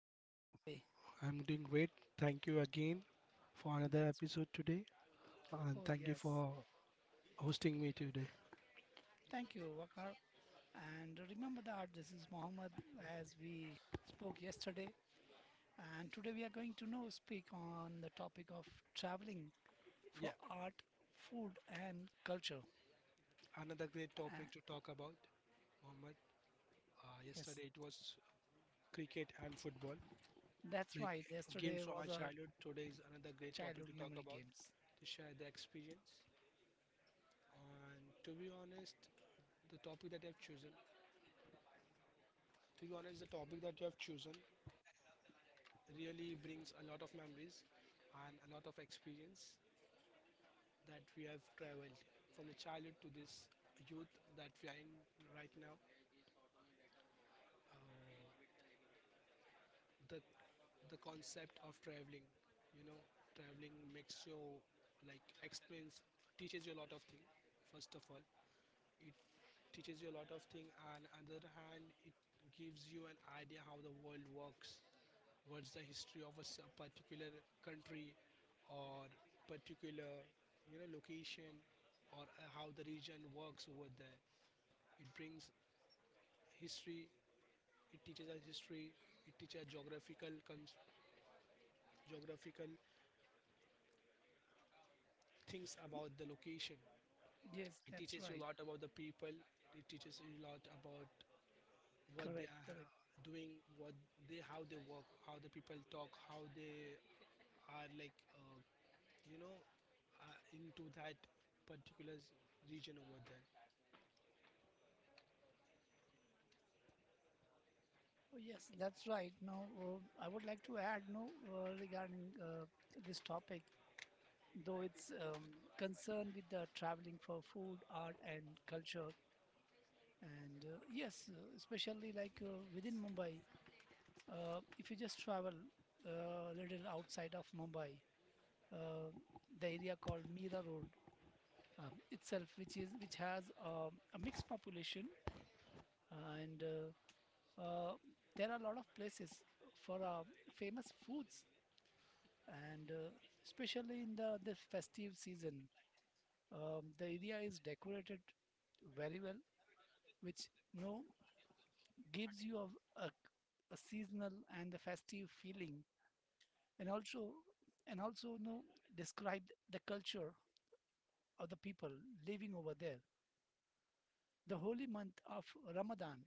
how you are you for. doing today? I'm doing great. Thank you again for another That's episode today, and oh thank you yes. for hosting me today. Thank you, Vakar. And remember that this is Mohammed as we spoke yesterday. And today we are going to know speak on the topic of traveling for Yeah, art, food, and culture. another great topic to Uh, talk about, Muhammad. Uh, yes, yesterday it was cricket and football, that's like right. games Yesterday from our was a childhood. Today is another great topic childhood to talk memory about, games. to share the experience. And to be honest, the topic that you have chosen, to be honest, the topic that you have chosen really brings a lot of memories and a lot of experience that we have traveled from the childhood to this youth that we are in right now. Uh, the the concept of traveling, you know, traveling makes you like experience teaches you a lot of things. First of all, it teaches you a lot of things, and on the other hand, it gives you an idea how the world works. What's the history of a particular country or particular, location, or how the region works over there. It brings history. It teaches us history, it teaches geographical, things about the location. Yes, It that's teaches you a right. lot about the people, it teaches you a lot about what they Correct, are correct. doing, what they how they work, how the people talk, how they are you know into that particular region over there. Oh, yes, that's right. Now, I would like to add no regarding this topic, though it's concerned with the traveling for food, art, and culture. And yes, especially like within Mumbai, if you just travel a little outside of Mumbai, uh, the area called Mira Road itself, which has a mixed population, and uh, there are a lot of places for famous foods and especially in the festive season, the area is decorated very well, which you know gives you a seasonal and the festive feeling. And also you know describe the culture of the people living over there. The holy month of Ramadan,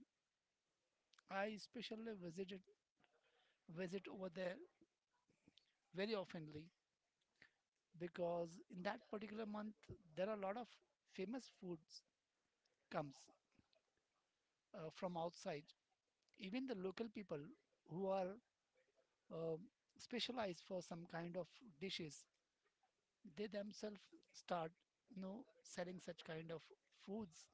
I especially visit over there very oftenly because in that particular month there are a lot of famous foods comes from outside. Even the local people who are um, specialized for some kind of dishes, they themselves start you know selling such kind of foods,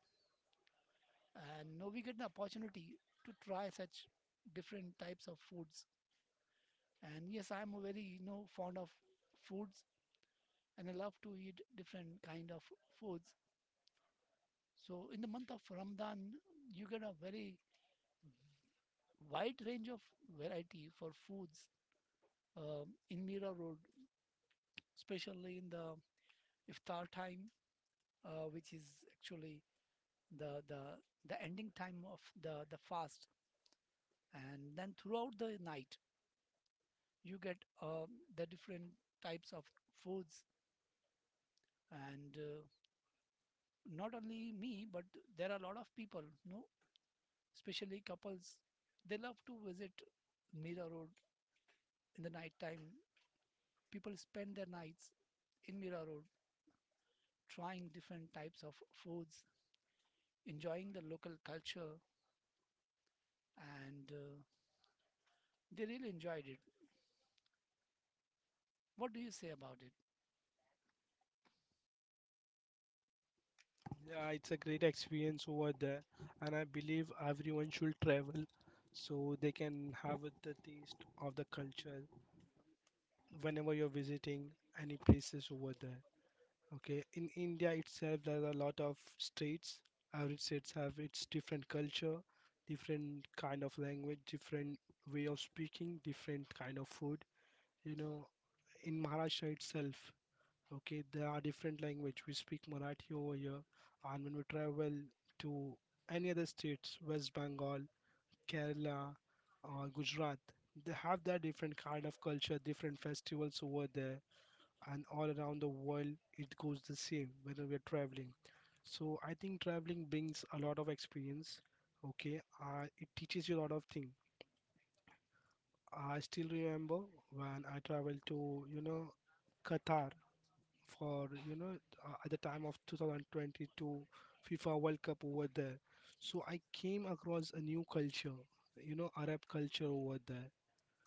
and now we get an opportunity to try such different types of foods. And yes, I'm very you know fond of foods, and I love to eat different kind of foods. So in the month of Ramadan, you get a very wide range of variety for foods in Mira Road, especially in the iftar time, which is actually the the the ending time of the fast, and then throughout the night you get uh, the different types of foods. And not only me, but there are a lot of people, you know, especially couples, they love to visit Mira Road in the night time. People spend their nights in Mira Road trying different types of foods, enjoying the local culture, and they really enjoyed it. What do you say about it? Yeah, it's a great experience over there, and I believe everyone should travel so they can have the taste of the culture whenever you're visiting any places over there. Okay, in India itself, there are a lot of states. Every states have its different culture, different kind of language, different way of speaking, different kind of food. You know, in Maharashtra itself, okay, there are different language. We speak Marathi over here, and when we travel to any other states, West Bengal, Kerala, or Gujarat, they have their different kind of culture, different festivals over there, and all around the world it goes the same whether we're traveling. So I think traveling brings a lot of experience. Okay, it teaches you a lot of things. I still remember when I traveled to, you know, Qatar for, you know, at the time of 2022 FIFA World Cup over there. So I came across a new culture, you know, Arab culture over there.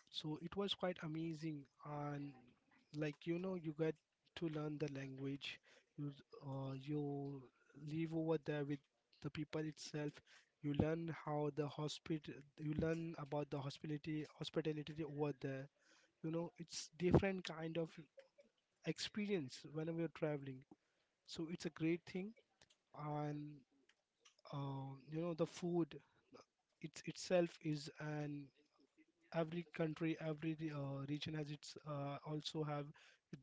So it was quite amazing. And like, you know, you get to learn the language, you you live over there with the people itself. You learn how the hospital, you learn about the hospitality over there. You know, it's different kind of experience whenever you're traveling, so it's a great thing. And you know, the food it's itself is an every country, every region has its also have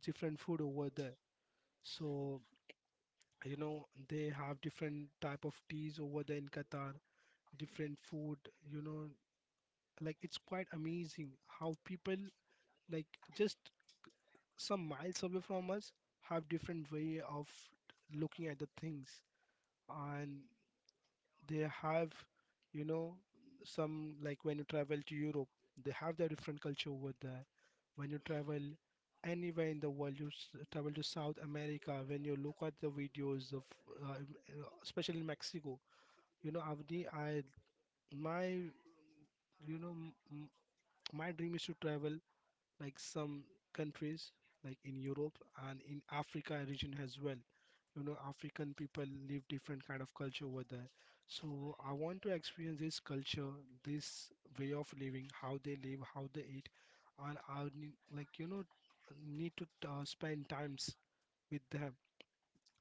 different food over there. So you know, they have different type of teas over there in Qatar, different food. You know, like it's quite amazing how people, like, just some miles away from us have different way of looking at the things, and they have, you know, some, like when you travel to Europe, they have their different culture over there. When you travel anywhere in the world, you travel to South America, when you look at the videos of uh, m- especially in Mexico, you know, Avni, I my, you know, my dream is to travel like some countries like in Europe and in Africa region as well. You know, African people live different kind of culture over there. So I want to experience this culture, this way of living, how they live, how they eat, and I would need, like, you know, need to spend times with them.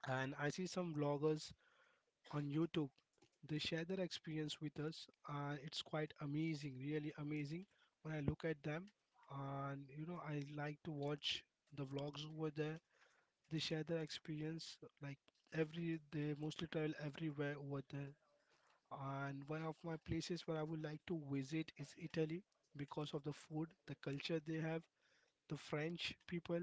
And I see some vloggers on YouTube, they share their experience with us. It's quite amazing, really amazing when I look at them. And you know, I like to watch the vlogs over there. They share their experience. Like every, they mostly travel everywhere over there. And one of my places where I would like to visit is Italy because of the food, the culture they have, the French people,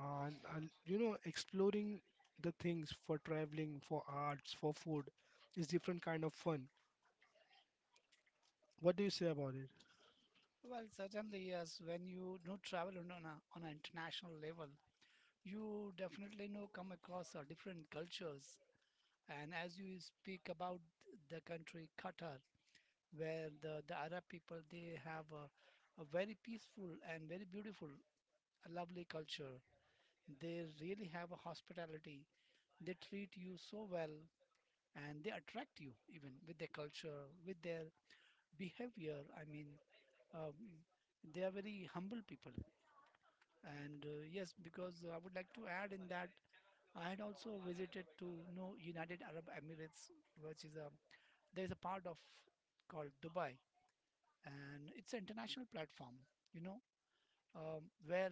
and you know, exploring the things for traveling, for arts, for food is different kind of fun. What do you say about it? Well, certainly, yes. When you do travel on on an international level, you definitely know come across different cultures. And as you speak about the country Qatar, where the Arab people, they have a very peaceful and very beautiful, a lovely culture. They really have a hospitality. They treat you so well, and they attract you even with their culture, with their behavior. I mean, um, they are very humble people. And yes, because I would like to add in that I had also visited to you know United Arab Emirates, which is a there is a part of called Dubai, and it's an international platform. You know, where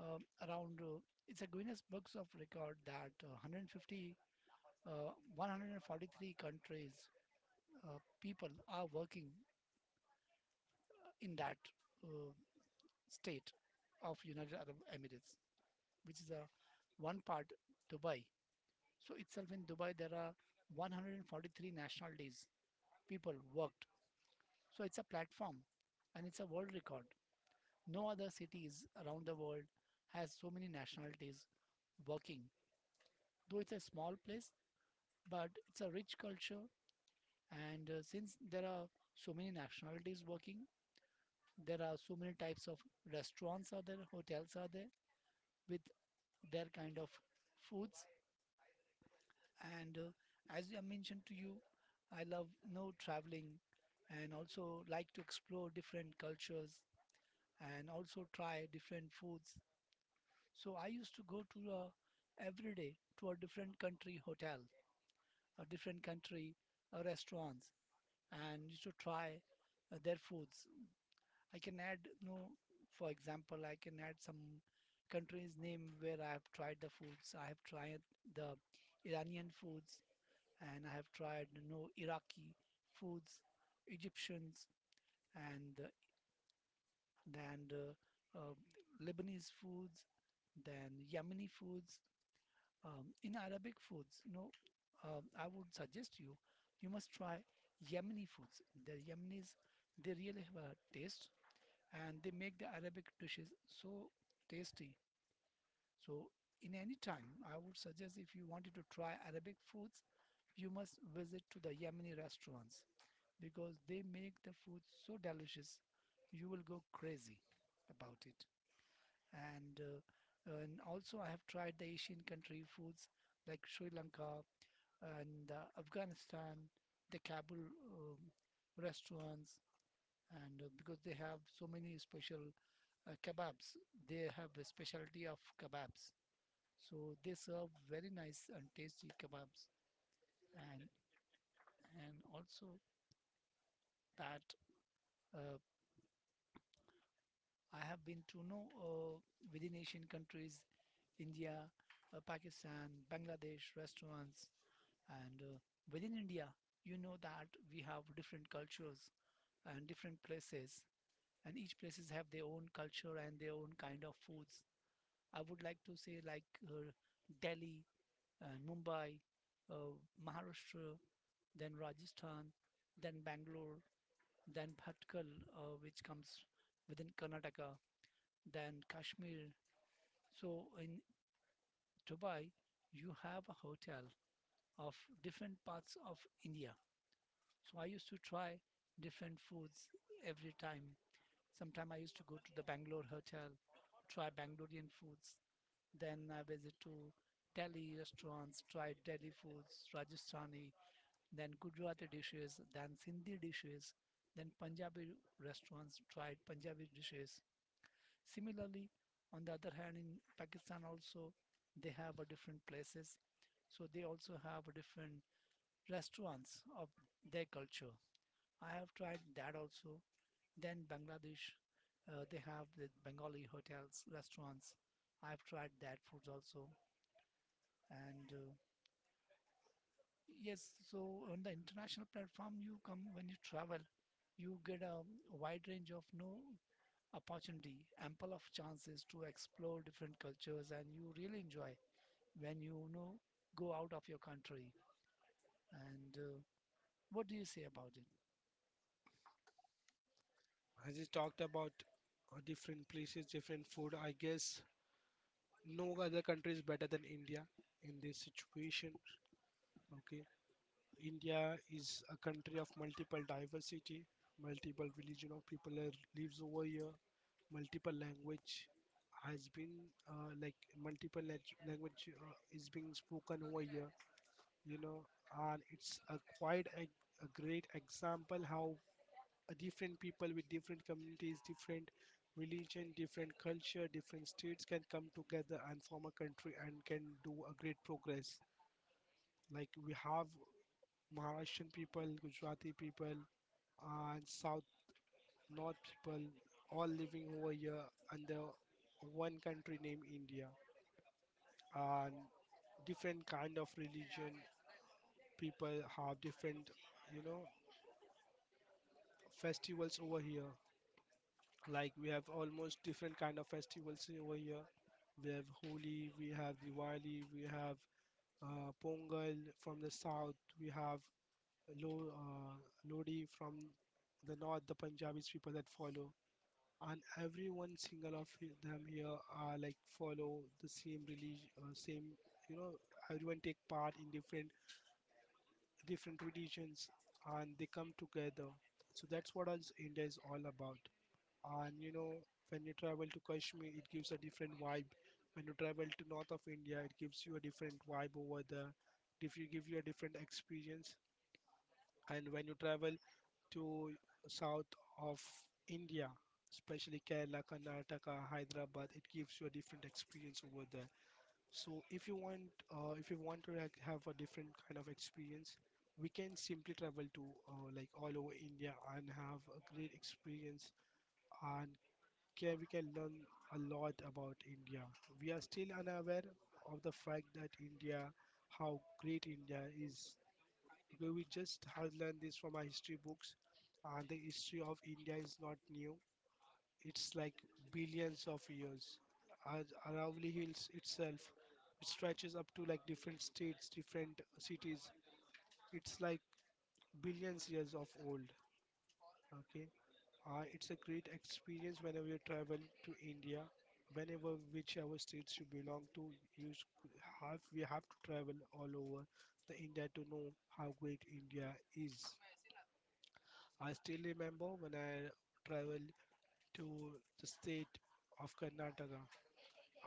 around it's a Guinness Books of Record that uh, 150 uh, 143 countries people are working in that uh, state of United Arab Emirates, which is a one part Dubai. So itself in Dubai, there are 143 national days people worked. So it's a platform and it's a world record. No other cities around the world has so many nationalities working. Though it's a small place, but it's a rich culture. And since there are so many nationalities working, there are so many types of restaurants are there, hotels are there with their kind of foods. And as I mentioned to you, I love you know traveling and also like to explore different cultures and also try different foods. So I used to go to every day to a different country hotel, a different country restaurants, and used to try their foods. I can add, you know, for example, I can add some countries name where I have tried the foods. I have tried the Iranian foods, and I have tried you know Iraqi foods, Egyptians, and then Lebanese foods, then Yemeni foods, in Arabic foods. You know, I would suggest you you must try Yemeni foods. The Yemenis, they really have a taste, and they make the Arabic dishes so tasty. So in any time, I would suggest if you wanted to try Arabic foods, you must visit to the Yemeni restaurants, because they make the food so delicious you will go crazy about it. And also I have tried the Asian country foods like Sri Lanka and Afghanistan, the Kabul um, restaurants, and because they have so many special kebabs, they have a specialty of kebabs, so they serve very nice and tasty kebabs. And and also that uh, I have been to know within Asian countries, India, Pakistan, Bangladesh restaurants, and within India, you know that we have different cultures and different places, and each places have their own culture and their own kind of foods. I would like to say like uh, Delhi, Mumbai, uh, Maharashtra, then Rajasthan, then Bangalore, then Bhatkal, which comes within Karnataka, then Kashmir. So in Dubai, you have a hotel of different parts of India. So I used to try different foods every time. Sometime I used to go to the Bangalore hotel, try Bangalorean foods. Then I visit to Delhi restaurants, try Delhi foods, Rajasthani, then Gujarati dishes, then Sindhi dishes, then Punjabi restaurants, tried Punjabi dishes. Similarly, on the other hand, in Pakistan also they have a different places, so they also have a different restaurants of their culture. I have tried that also. Then Bangladesh, they have the Bengali hotels, restaurants. I've tried that food also. And yes, so on the international platform, you come when you travel, you get a wide range of know opportunity, ample of chances to explore different cultures, and you really enjoy when you know, go out of your country. And what do you say about it? As you talked about different places, different food, I guess no other country is better than India in this situation. Okay, India is a country of multiple diversity, multiple religion of people that lives over here, multiple language has been like multiple language is being spoken over here. You know, and it's a quite a great example how different people with different communities, different religion, different culture, different states can come together and form a country and can do a great progress. Like we have Maharashtrian people, Gujarati people, and South North people all living over here under one country named India, and different kind of religion people have different, you know, festivals over here. Like we have almost different kind of festivals over here. We have Holi, we have Diwali, we have Pongal from the South, we have Lo- uh, Lodi from the North, the Punjabis people that follow, and every one single of them here are like follow the same religion same, you know, everyone take part in different religions and they come together. So that's what is India is all about. And you know, when you travel to Kashmir, it gives a different vibe. When you travel to North of India, it gives you a different vibe over there. If you give you a different experience. And when you travel to South of India, especially Kerala, Karnataka, Hyderabad, it gives you a different experience over there. So if you want to, like, have a different kind of experience, we can simply travel to like all over India and have a great experience, and we can learn a lot about India. We are still unaware of the fact that India, how great India is. Because we just have learned this from our history books, and the history of India is not new. It's like billions of years. Ar- Aravalli Hills itself, it stretches up to like different states, different cities. It's like billions years of old. Okay, uh, it's a great experience whenever you travel to India, whenever whichever states you belong to, you s- have we have to travel all over the India to know how great India is. I still remember when I traveled to the state of Karnataka.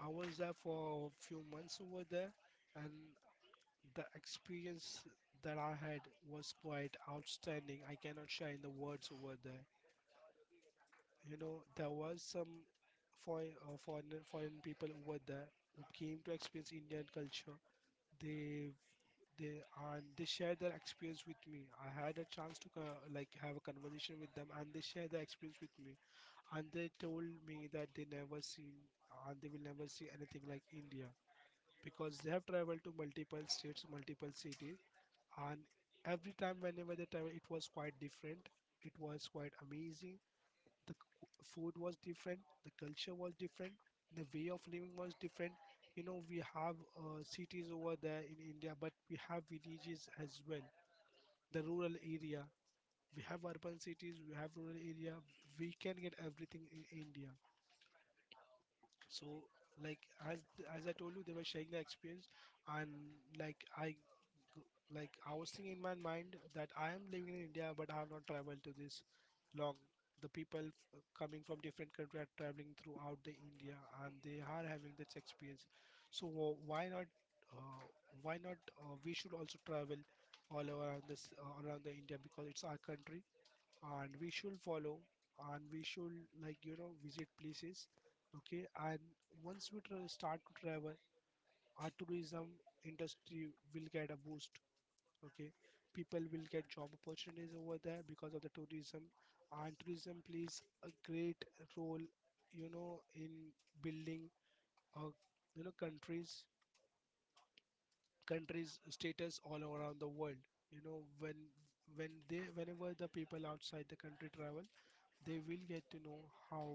I was there for a few months over there, and the experience that I had was quite outstanding. I cannot share in the words over there. You know, there was some foreign people over there who came to experience Indian culture. They they and they shared their experience with me. I had a chance to like have a conversation with them, and they shared their experience with me. And they told me that they never seen and they will never see anything like India because they have traveled to multiple states, multiple cities, and every time whenever they travel, it was quite different. It was quite amazing. The food was different, the culture was different, the way of living was different. You know, we have cities over there in India, but we have villages as well, the rural area. We have urban cities, we have rural area, we can get everything in India. So, like, as as I told you, they were sharing the experience, and like I, like housing in my mind that I am living in India, but I have not traveled to this long. The people coming from different country are traveling throughout the India, and they are having this experience. So why not? Uh, why not? We should also travel all around this around the India because it's our country, and we should follow, and we should, like, you know, visit places. Okay, and once we start to travel, our tourism industry will get a boost. Okay, people will get job opportunities over there because of the tourism, and tourism plays a great role, you know, in building a, you know, countries status all around the world. You know, when they whenever the people outside the country travel, they will get to know how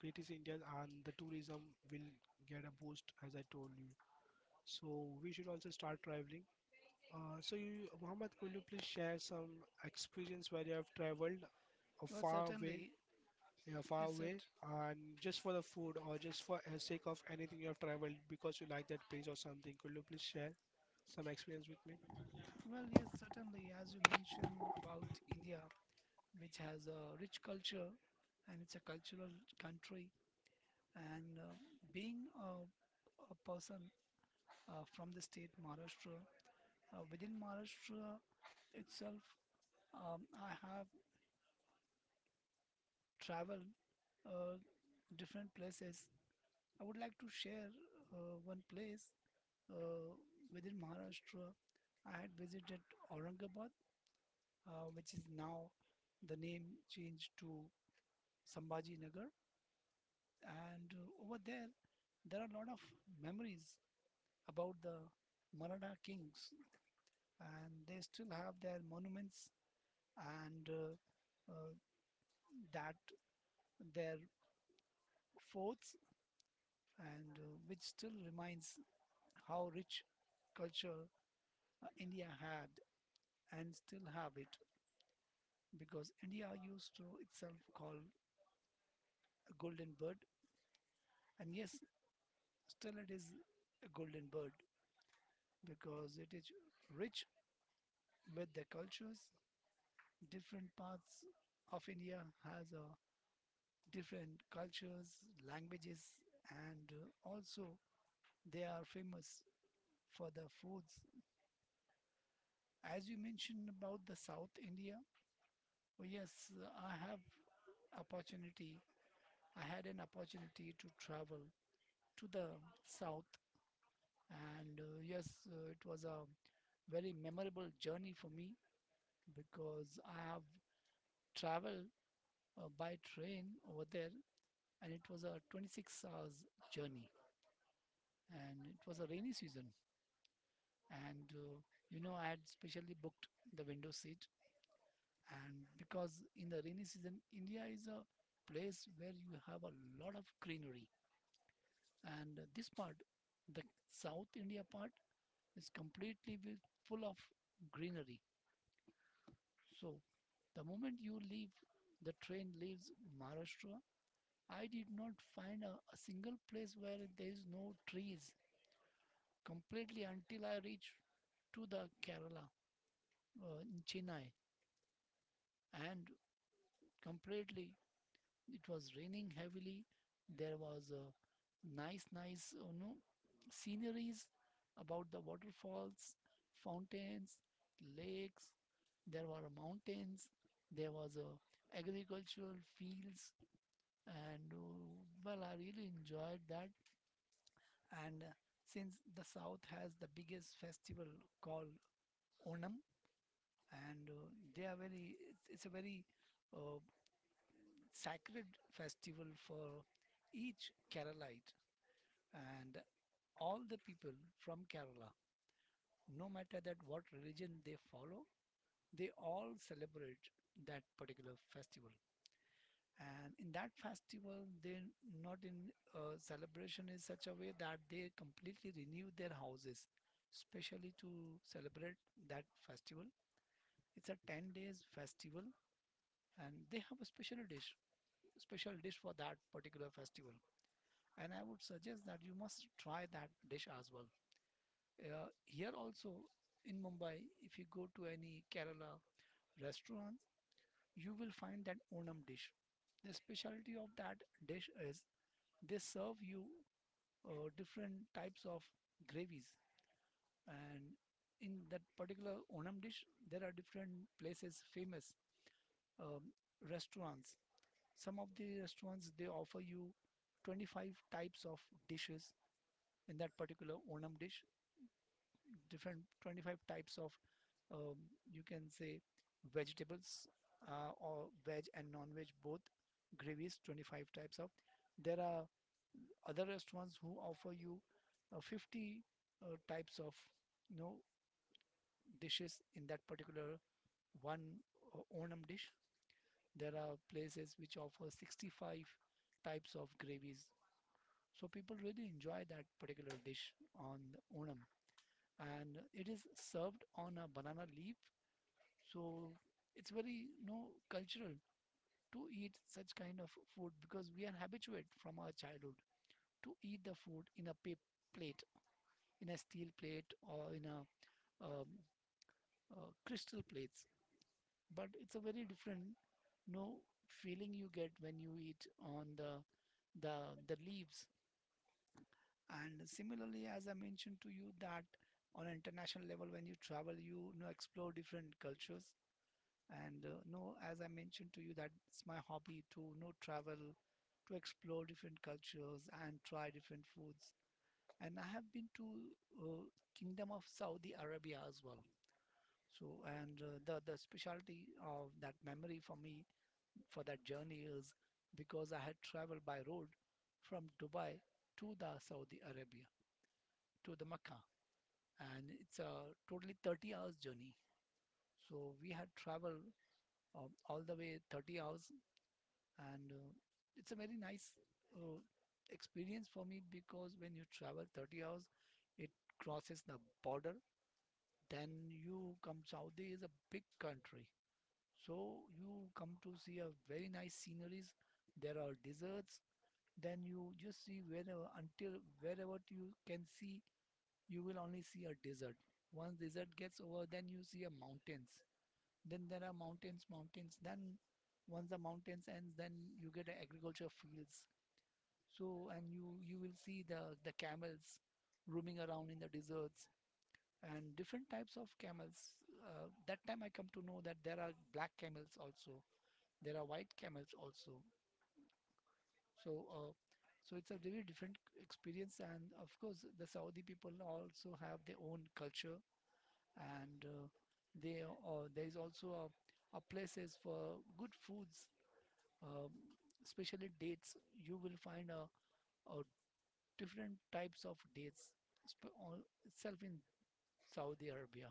great is India, and the tourism will get a boost as I told you. So we should also start traveling. So, you, Mohammed, could you please share some experience where you have traveled a Well, far way, certainly, yeah, far yes, away, cert- and just for the food or just for the sake of anything you have traveled because you like that place or something? Could you please share some experience with me? well, yes, certainly, as you mentioned about India, which has a rich culture and it's a cultural country, and being a person from the state Maharashtra, within Maharashtra itself, I have traveled. Uh, Different places. I would like to share one place uh, within Maharashtra. I had visited Aurangabad, which is now the name changed to Sambhaji Nagar. And over there, there are a lot of memories about the Maratha kings, and they still have their monuments and that their forts, and which still reminds how rich culture India had and still have it, because India used to itself call a golden bird, and yes, still it is a golden bird because it is rich with the cultures. Different parts of India has different cultures, languages, and also they are famous for the foods. As you mentioned about the South India, oh yes, I have opportunity. I had an opportunity to travel to the south. And yes, it was a very memorable journey for me because I have traveled by train over there, and it was a 26 hours journey, and it was a rainy season. And you know, I had specially booked the window seat, and because in the rainy season India is a place where you have a lot of greenery, and this part, the South India part, is completely full of greenery. So the moment you leave, the train leaves Maharashtra, I did not find a single place where there is no trees completely until I reached to the Kerala in Chennai. And completely it was raining heavily. There was a nice you know sceneries about the waterfalls, fountains, lakes. There were mountains, there was a agricultural fields, and well, I really enjoyed that. And since the south has the biggest festival called Onam, and they are very it's a very uh, sacred festival for each Keralite, and all the people from Kerala, no matter that what religion they follow, they all celebrate that particular festival. And in that festival, they not in celebration in such a way that they completely renew their houses, especially to celebrate that festival. It's a 10 days festival, and they have a special dish for that particular festival, and I would suggest that you must try that dish as well. Here also in Mumbai, if you go to any Kerala restaurant, you will find that Onam dish. The specialty of that dish is they serve you different types of gravies, and in that particular Onam dish, there are different places famous um, restaurants. Some of the restaurants they offer you 25 types of dishes in that particular Onam dish, different 25 types of um, you can say vegetables, or veg and non-veg both gravies, 25 types of. There are other restaurants who offer you 50 types of you know dishes in that particular one Onam dish. There are places which offer 65 types of gravies, so people really enjoy that particular dish on Onam. And it is served on a banana leaf, so it's very, you know, cultural to eat such kind of food, because we are habituated from our childhood to eat the food in a paper plate, in a steel plate, or in a um, crystal plates. But it's a very different, you know, feeling you get when you eat on the the leaves. And similarly, as I mentioned to you, that on an international level when you travel, you know, explore different cultures. And no as I mentioned to you, that it's my hobby to, you know, travel, to explore different cultures and try different foods. And I have been to uh, Kingdom of Saudi Arabia as well. So, and the specialty of that memory for me, for that journey, is because I had traveled by road from Dubai to the Saudi Arabia, to the Mecca, and it's a totally 30 hours journey. So we had traveled, all the way, 30 hours. And it's a very nice uh, experience for me, because when you travel 30 hours, it crosses the border. Then you come, Saudi is a big country, so you come to see a very nice sceneries. There are deserts, then you just see, wherever, until wherever you can see, you will only see a desert. Once desert gets over, then you see a mountains. Then there are mountains. Then once the mountains ends, then you get agriculture fields. So, and you will see the camels roaming around in the deserts, and different types of camels. That time I come to know that there are black camels also, there are white camels also. So, so it's a very different experience. And of course, the Saudi people also have their own culture. And they there is also a places for good foods, um especially dates. You will find a different types of dates itself in Saudi Arabia.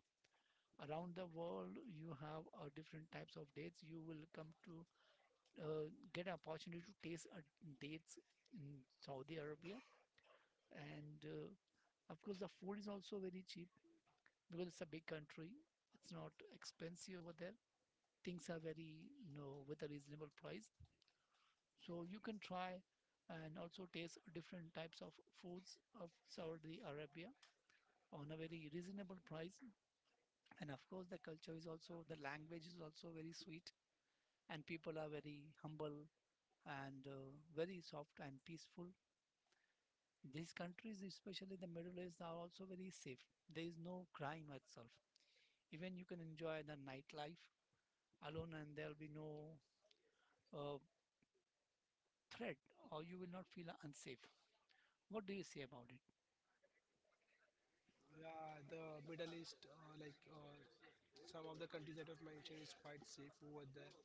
Around the world, you have different types of dates. You will come to uh, get an opportunity to taste dates in Saudi Arabia. And of course, the food is also very cheap because it's a big country. It's not expensive over there. Things are very, you know, with a reasonable price. So you can try and also taste different types of foods of Saudi Arabia on a very reasonable price. And of course, the culture is also, the language is also very sweet, and people are very humble, and very soft and peaceful. These countries, especially the Middle East, are also very safe. There is no crime itself. Even you can enjoy the nightlife alone and there'll be no uh, threat, or you will not feel unsafe. What do you say about it? Yeah, the Middle East, some of the countries that I've mentioned, is quite safe over there.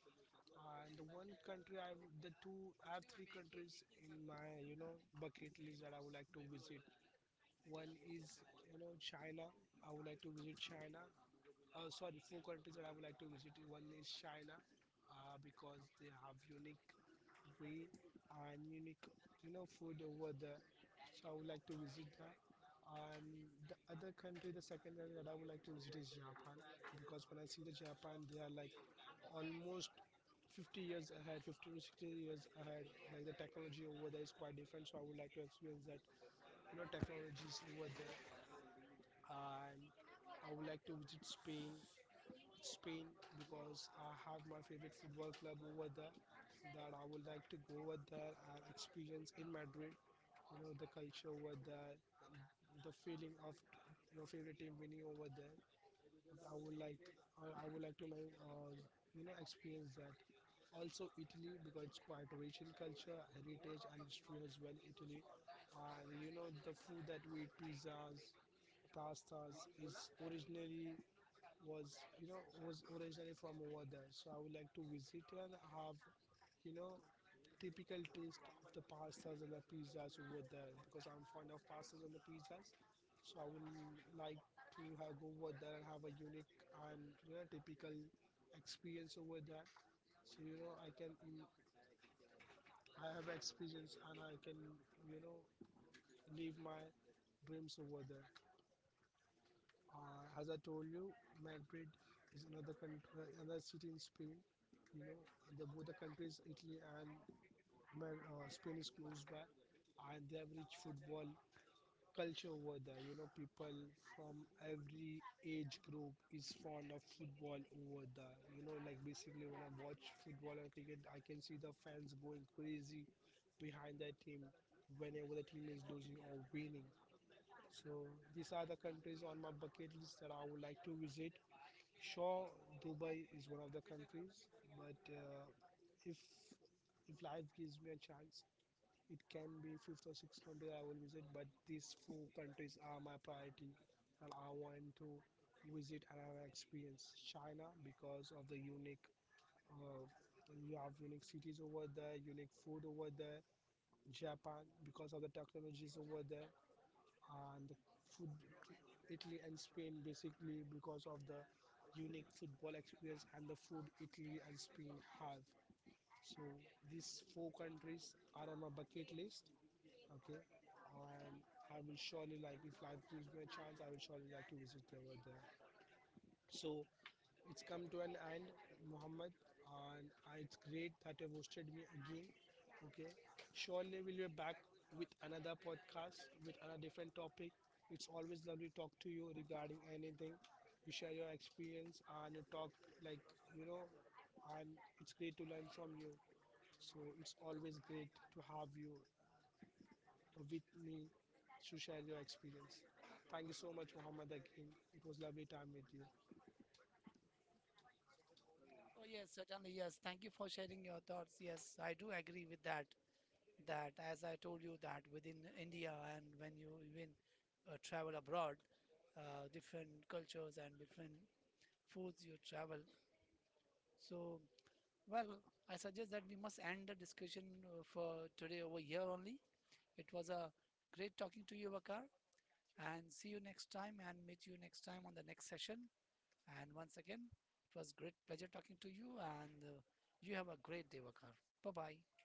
And the one country I, have the two, I have three countries in my, bucket list that I would like to visit. One is, China. I would like to visit China. Sorry, four countries that I would like to visit. One is China, because they have unique way and unique, food over there. So I would like to visit that. And the other country, the second country that I would like to visit is Japan, because when I see the Japan, they are like almost 50 years ahead, 50 to 60 years ahead. Like the technology over there is quite different, so I would like to experience that, technologies over there, and I would like to visit Spain, Spain because I have my favorite football club over there. That I would like to go over there and experience in Madrid. You know the culture over there, the feeling of your favorite team winning over there. I would like, I would like to experience that. Also Italy because it's quite rich in culture, heritage, and history as well. Italy, and you know the food that we eat, pizzas, pastas, is originally was you know was originally from over there. So I would like to visit and have, you know typical taste of the pastas and the pizzas over there, because I'm fond of pastas and the pizzas. So I would like to have go over there and have a unique and, typical experience over there, so, I can I have experience, and I can, you know live my dreams over there. As I told you, Madrid is another country, another city in Spain. You know, the both the countries, Italy and Spain, is close by, and they have rich football culture over there. You know, people from every age group is fond of football over there. You know, like basically when I watch football and cricket, I can see the fans going crazy behind their team whenever the team is losing or winning. So these are the countries on my bucket list that I would like to visit. Sure, Dubai is one of the countries, but if if life gives me a chance, it can be fifth or sixth country I will visit. But these four countries are my priority, and I want to visit and have experience China because of the unique. Uh, you have unique cities over there, unique food over there. Japan because of the technologies over there and the food. Italy and Spain basically because of the unique football experience and the food Italy and Spain have. So these four countries are on my bucket list. Okay, and I will surely like if life gives me a chance, I will surely like to visit over there. So it's come to an end, Muhammad, and it's great that you've hosted me again. Okay, surely we'll be back with another podcast with another different topic. It's always lovely to talk to you regarding anything. You share your experience and you talk like, you know, and it's great to learn from you. So it's always great to have you with me to share your experience. Thank you so much, Muhammad. Again, it was lovely time with you. Oh yes, certainly. Yes, thank you for sharing your thoughts. Yes, I do agree with that, that as I told you, that within India and when you even travel abroad, different cultures and different foods you travel. So, well, I suggest that we must end the discussion for today over here only. It was a great talking to you, Vakar, and see you next time and meet you next time on the next session. And once again, it was great pleasure talking to you, and you have a great day, Vakar. Bye bye.